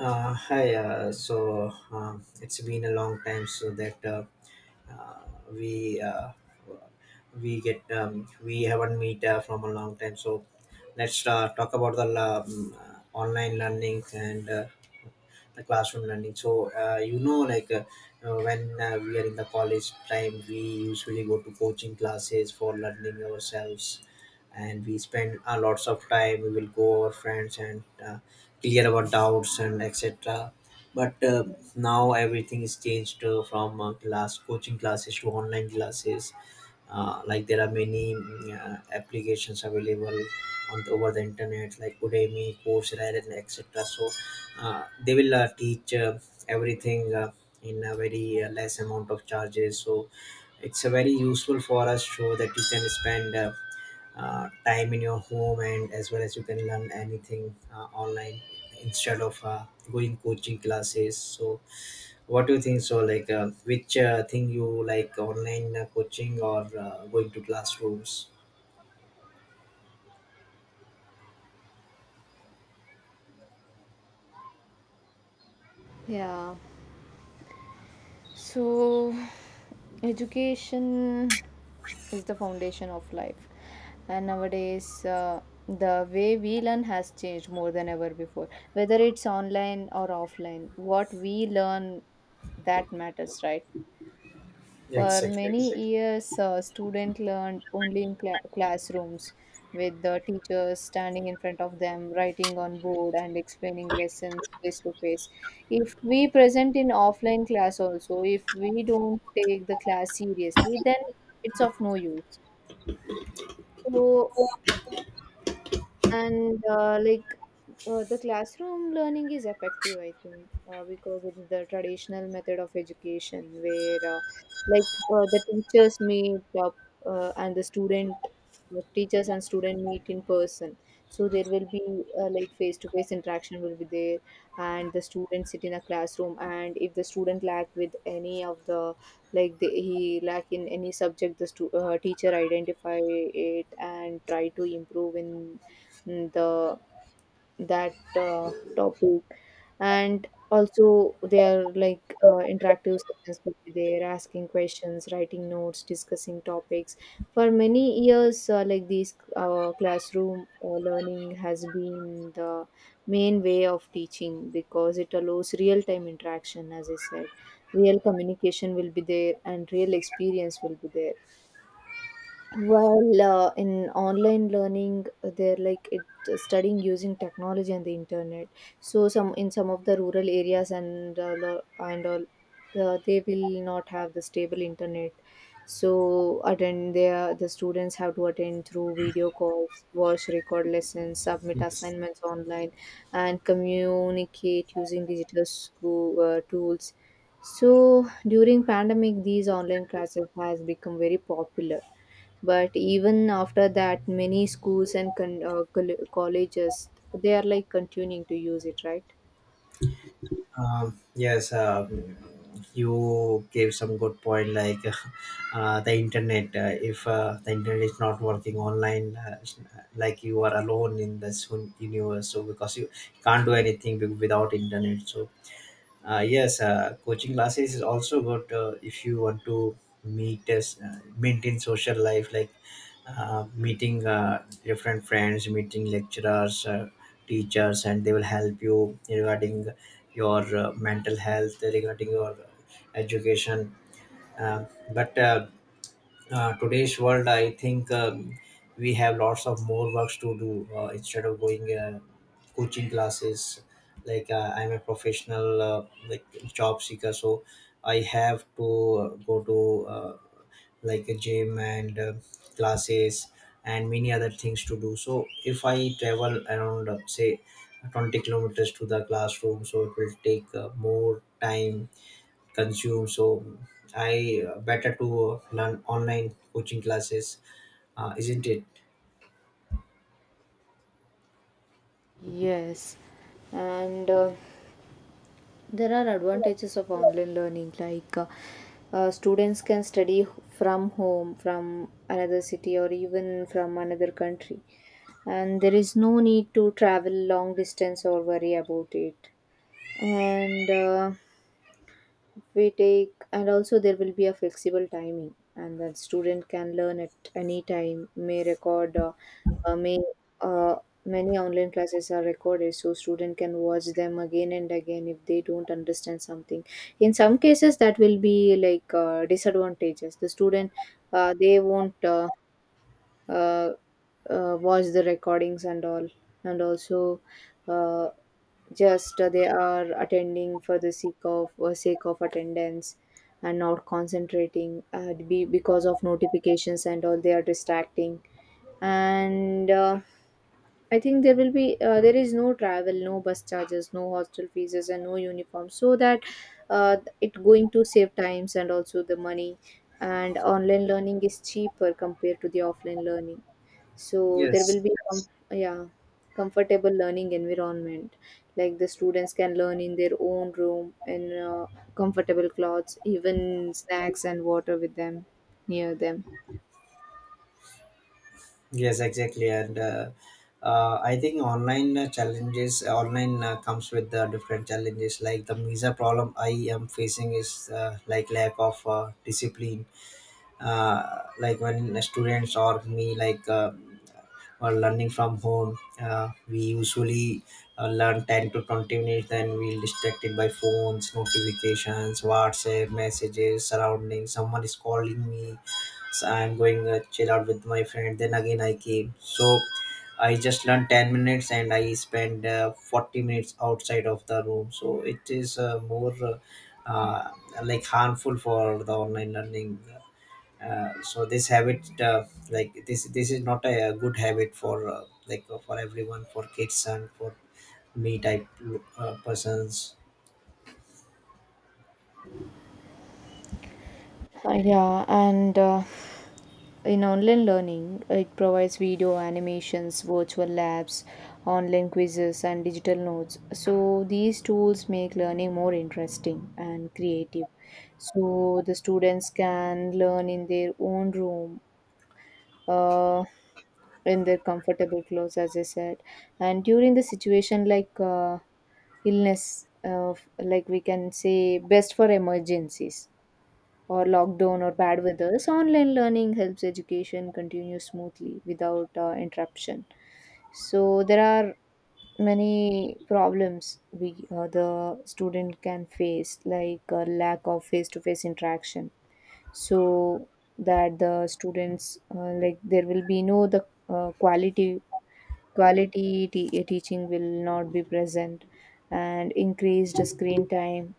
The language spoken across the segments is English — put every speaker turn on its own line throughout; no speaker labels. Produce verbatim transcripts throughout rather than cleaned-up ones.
Uh, hi, uh, so uh, It's been a long time so that uh, uh, we uh, we get um, we haven't meet uh, from a long time. So let's uh, talk about the um, uh, online learning and uh, the classroom learning. So uh, you know like uh, uh, when uh, We are in the college time, we usually go to coaching classes for learning ourselves, and we spend a lots of time. We will go our friends and uh, clear our doubts and etc, but uh, now everything is changed, uh, from uh, class coaching classes to online classes. Uh, like, there are many mm, uh, applications available on the, over the internet, like Udemy, Coursera and etc. So uh, they will uh, teach uh, everything uh, in a very uh, less amount of charges. So it's a very useful for us, so that you can spend uh, uh, time in your home, and as well as you can learn anything uh, online instead of uh, going coaching classes. So what do you think, so like uh, which uh, thing you like, online uh, coaching or uh, going to classrooms?
Yeah. So, education is the foundation of life. And nowadays, uh, the way we learn has changed more than ever before. Whether it's online or offline, what we learn that matters, right? For
Exactly.
many Exactly. years, uh, students learned only in cla- classrooms, with the teachers standing in front of them, writing on board, and explaining lessons face to face. If we present in offline class also, if we don't take the class seriously, then it's of no use. So and uh, like uh, the classroom learning is effective. I think uh, because it's the traditional method of education where uh, like uh, the teachers meet up uh, and the student the teachers and student meet in person, so there will be uh, like face to face interaction will be there. And the students sit in a classroom, and if the student lack with any of the like the, he lack in any subject, the stu- uh, teacher identify it and try to improve in the that uh, topic. And also they are like uh, interactive sessions would be there, asking questions, writing notes, discussing topics. For many years uh, like this uh, classroom uh, learning has been the main way of teaching because it allows real time interaction. As I said, real communication will be there and real experience will be there. Well, uh, in online learning, uh, they're like it, uh, studying using technology and the internet. So some in some of the rural areas and uh, lo- and all, uh, they will not have the stable internet. So attend there, the students have to attend through video calls, watch record lessons, submit assignments online, and communicate using digital school uh, tools. So during pandemic, these online classes has become very popular, but even after that many schools and con- uh, coll- colleges they are like continuing to use it, right?
Um, yes, um, you gave some good point. Like, uh, the internet, uh, if uh, the internet is not working online, uh, it's, uh, like you are alone in this un- universe. So, because you can't do anything wi- without internet. So uh, yes, uh, coaching classes is also good uh, if you want to meet us, uh, maintain social life, like uh, meeting uh, different friends, meeting lecturers, uh, teachers, and they will help you regarding your uh, mental health, regarding your education. Uh, but uh, uh, Today's world, I think um, we have lots of more works to do uh, instead of going uh, coaching classes. Like, uh, I'm a professional uh, like job seeker, so I have to uh, go to uh, like a gym and uh, classes and many other things to do. So if I travel around, uh, say, twenty kilometers to the classroom, so it will take uh, more time consume. So I, uh, better to learn online coaching classes, uh, isn't it?
Yes. And uh, there are advantages of online learning like uh, uh, students can study from home, from another city, or even from another country, and there is no need to travel long distance or worry about it. And uh, we take and also there will be a flexible timing, and that student can learn at any time. May record uh, uh, may uh, many online classes are recorded, so student can watch them again and again if they don't understand something. In some cases that will be like uh, disadvantages. The student uh, they won't uh, uh, uh, watch the recordings and all. And also uh, just uh, they are attending for the sake of uh, sake of attendance and not concentrating, uh, be, because of notifications and all they are distracting. And uh, I think there will be uh, there is no travel, no bus charges, no hostel fees, and no uniform, so that uh, it going to save times and also the money. And online learning is cheaper compared to the offline learning, so there will
Yes.
be com- yeah comfortable learning environment. Like the students can learn in their own room and uh, comfortable clothes, even snacks and water with them near them.
Yes, exactly. And uh, uh, I think online uh, challenges, online uh, comes with the different challenges. Like, the visa problem I am facing is uh, like lack of uh, discipline. Uh, like, when students or me, like uh, or learning from home. Uh, we usually uh, learn ten to twenty minutes, then we'll distracted by phones, notifications, WhatsApp messages, surrounding. Someone is calling me, so I'm going uh, chill out with my friend. Then again, I came. So I just learned ten minutes, and I spend uh, forty minutes outside of the room. So it is uh, more uh, uh, like harmful for the online learning, uh, so this habit, uh, like this this is not a, uh good habit for, uh, like uh, for everyone, for kids and for me type uh, persons.
Uh, yeah, and uh, in online learning, it provides video animations, virtual labs, online quizzes, and digital notes. So these tools make learning more interesting and creative. So the students can learn in their own room, Uh, in their comfortable clothes, as I said. And during the situation like uh, illness, uh, like we can say best for emergencies or lockdown or bad weather, so online learning helps education continue smoothly without uh, interruption. So there are many problems we uh, the student can face, like uh, lack of face-to-face interaction. So that the students uh, like there will be no the uh, quality quality te- teaching will not be present, and increased screen time,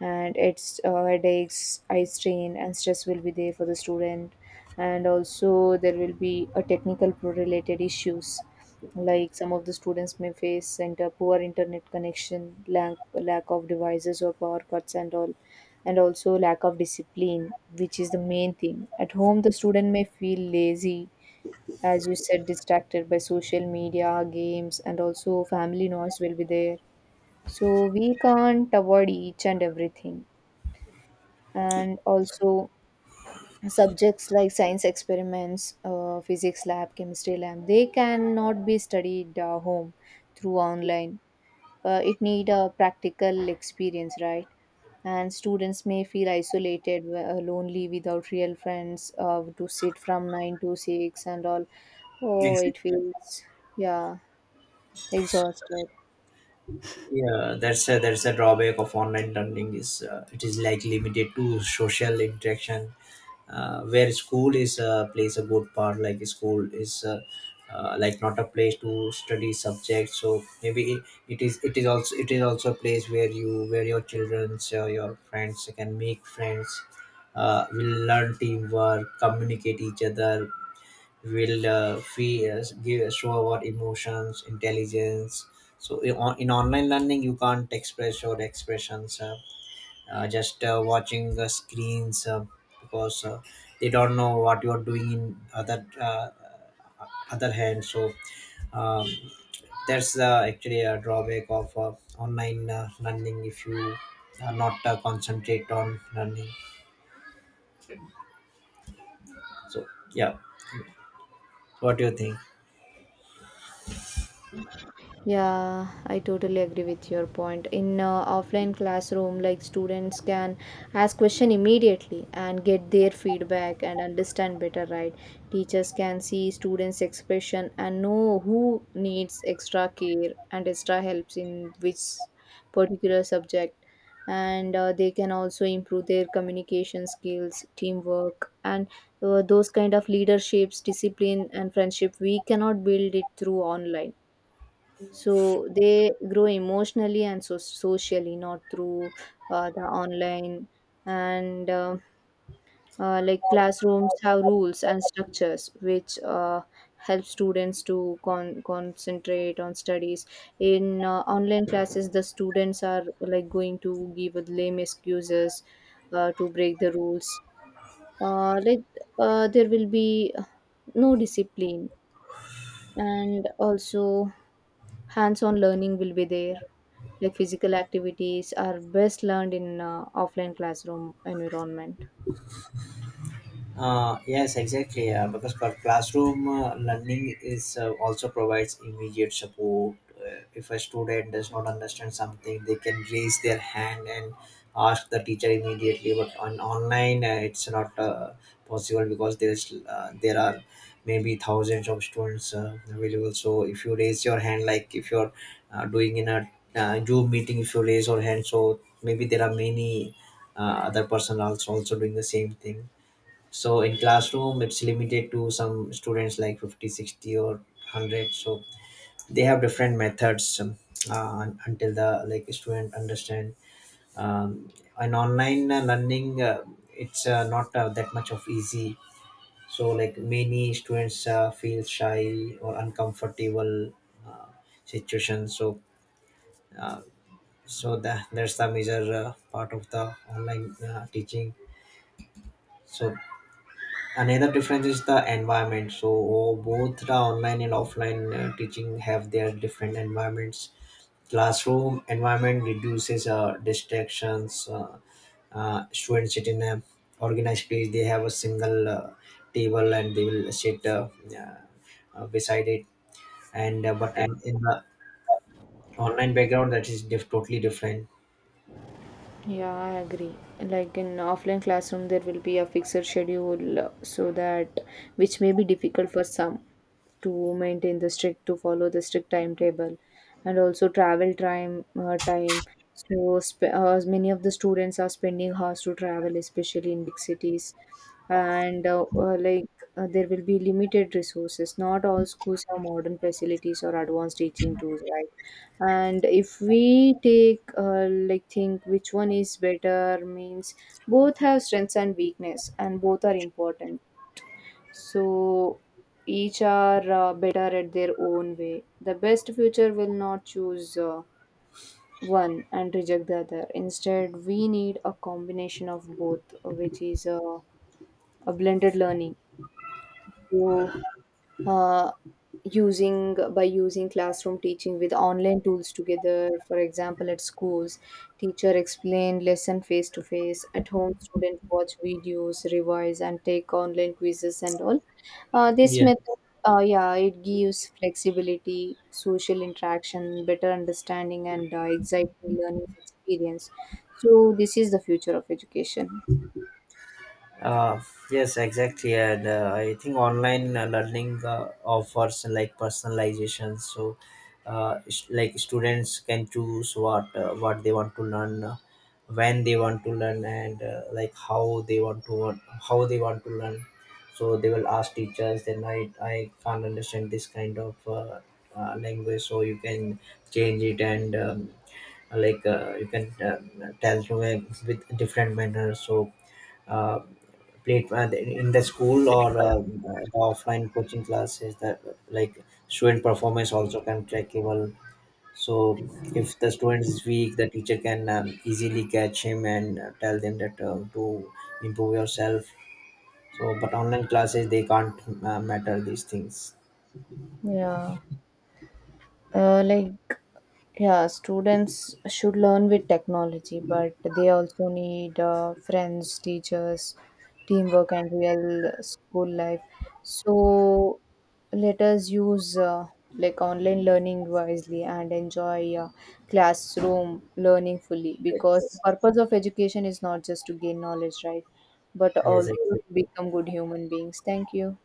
and it's uh, headaches, eye strain, and stress will be there for the student. And also there will be a technical pro related issues, like some of the students may face inter- poor internet connection, lack, lack of devices or power cuts and all. And also lack of discipline, which is the main thing. At home the student may feel lazy, as you said, distracted by social media, games, and also family noise will be there. So we can't avoid each and everything. And also subjects like science experiments, uh, physics lab, chemistry lab, they cannot be studied uh, home through online. Uh, it need a practical experience, right? And students may feel isolated, uh, lonely without real friends, uh, to sit from nine to six and all. Oh,
Exactly.
it feels yeah exhausted.
Yeah, that's a, that's a drawback of online learning is, uh, it is like limited to social interaction, uh, where school is, uh, plays a good part. Like, school is, uh, uh, like not a place to study subjects, so maybe it, it is, it is also it is also a place where you where your childrens, uh, your friends can make friends, uh, will learn teamwork, communicate each other, will uh, feel uh, give, show our emotions, intelligence. So, in, on, in online learning, you can't express your expressions, uh, uh, just uh, watching the screens, uh, because uh, they don't know what you are doing in other uh, other hand. So um, that's, uh, actually a drawback of uh, online uh, learning, if you are not uh, concentrate on learning. So, yeah. What do you think?
Yeah, I totally agree with your point. In uh, offline classroom, like students can ask question immediately and get their feedback and understand better, right? Teachers can see students' expression and know who needs extra care and extra helps in which particular subject. And uh, they can also improve their communication skills, teamwork, and uh, those kind of leaderships, discipline, and friendship. We cannot build it through online, so they grow emotionally and so socially, not through uh, the online. And uh, uh, like classrooms have rules and structures which uh, help students to con- concentrate on studies. In uh, online classes, the students are like going to give lame excuses uh, to break the rules. Uh, like uh, there will be no discipline, and also hands on learning will be there, like physical activities are best learned in uh, offline classroom environment.
Uh, yes, exactly. Uh, because for classroom uh, learning is uh, also provides immediate support. Uh, if a student does not understand something, they can raise their hand and ask the teacher immediately. But on online, uh, it's not uh, possible, because there's uh, there are maybe thousands of students uh, available. So if you raise your hand, like if you're uh, doing in a uh, Zoom meeting, if you raise your hand, so maybe there are many uh, other person also also doing the same thing. So in classroom, it's limited to some students, like fifty, sixty, or one hundred. So they have different methods, um, uh, until the like student understand. um, and online uh, learning, uh, it's uh, not uh, that much of easy. So, like, many students uh, feel shy or uncomfortable uh, situation. So uh, so that that's the major uh, part of the online uh, teaching. So, another difference is the environment. So, oh, both the online and offline uh, teaching have their different environments. Classroom environment reduces uh, distractions. Uh, uh, students sit in a organized place. They have a single uh, table, and they will sit uh, uh, beside it. And uh, but in, in the online background, that is diff- totally different.
Yeah, I agree. Like in offline classroom, there will be a fixed schedule, uh, so that which may be difficult for some to maintain the strict to follow the strict timetable, and also travel time uh, time. So sp- uh, many of the students are spending hours to travel, especially in big cities, and uh, uh, like uh, there will be limited resources. Not all schools have modern facilities or advanced teaching tools, right? And if we take uh, like think which one is better means, both have strengths and weakness and both are important. So each are uh, better at their own way. The best future will not choose uh, one and reject the other. Instead we need a combination of both, uh, which is uh, a blended learning. So uh, using by using classroom teaching with online tools together. For example, at schools teacher explain lesson face to face, at home student watch videos, revise, and take online quizzes and all. Uh, this
Yeah.
method uh, yeah, it gives flexibility, social interaction, better understanding, and uh, exciting learning experience. So this is the future of education.
Uh, yes, exactly, and uh, I think online uh, learning uh, offers like personalization. So, uh, s- like students can choose what uh, what they want to learn, uh, when they want to learn, and uh, like how they want to want, how they want to learn. So they will ask teachers. Then I I can't understand this kind of uh, uh, language, so you can change it, and um, like uh, you can uh, tell to me with different manners. So, Uh, played uh, in the school or um, uh, the offline coaching classes, that like student performance also can trackable. So if the student is weak, the teacher can um, easily catch him and uh, tell them that uh, to improve yourself. So, but online classes they can't uh, matter these things.
Yeah. Uh, like, yeah, students should learn with technology, but they also need uh, friends, teachers, teamwork, and real school life. So, let us use uh, like online learning wisely and enjoy uh, classroom learning fully, because the
Yes.
purpose of education is not just to gain knowledge, right? But also to
Yes.
become good human beings. Thank you.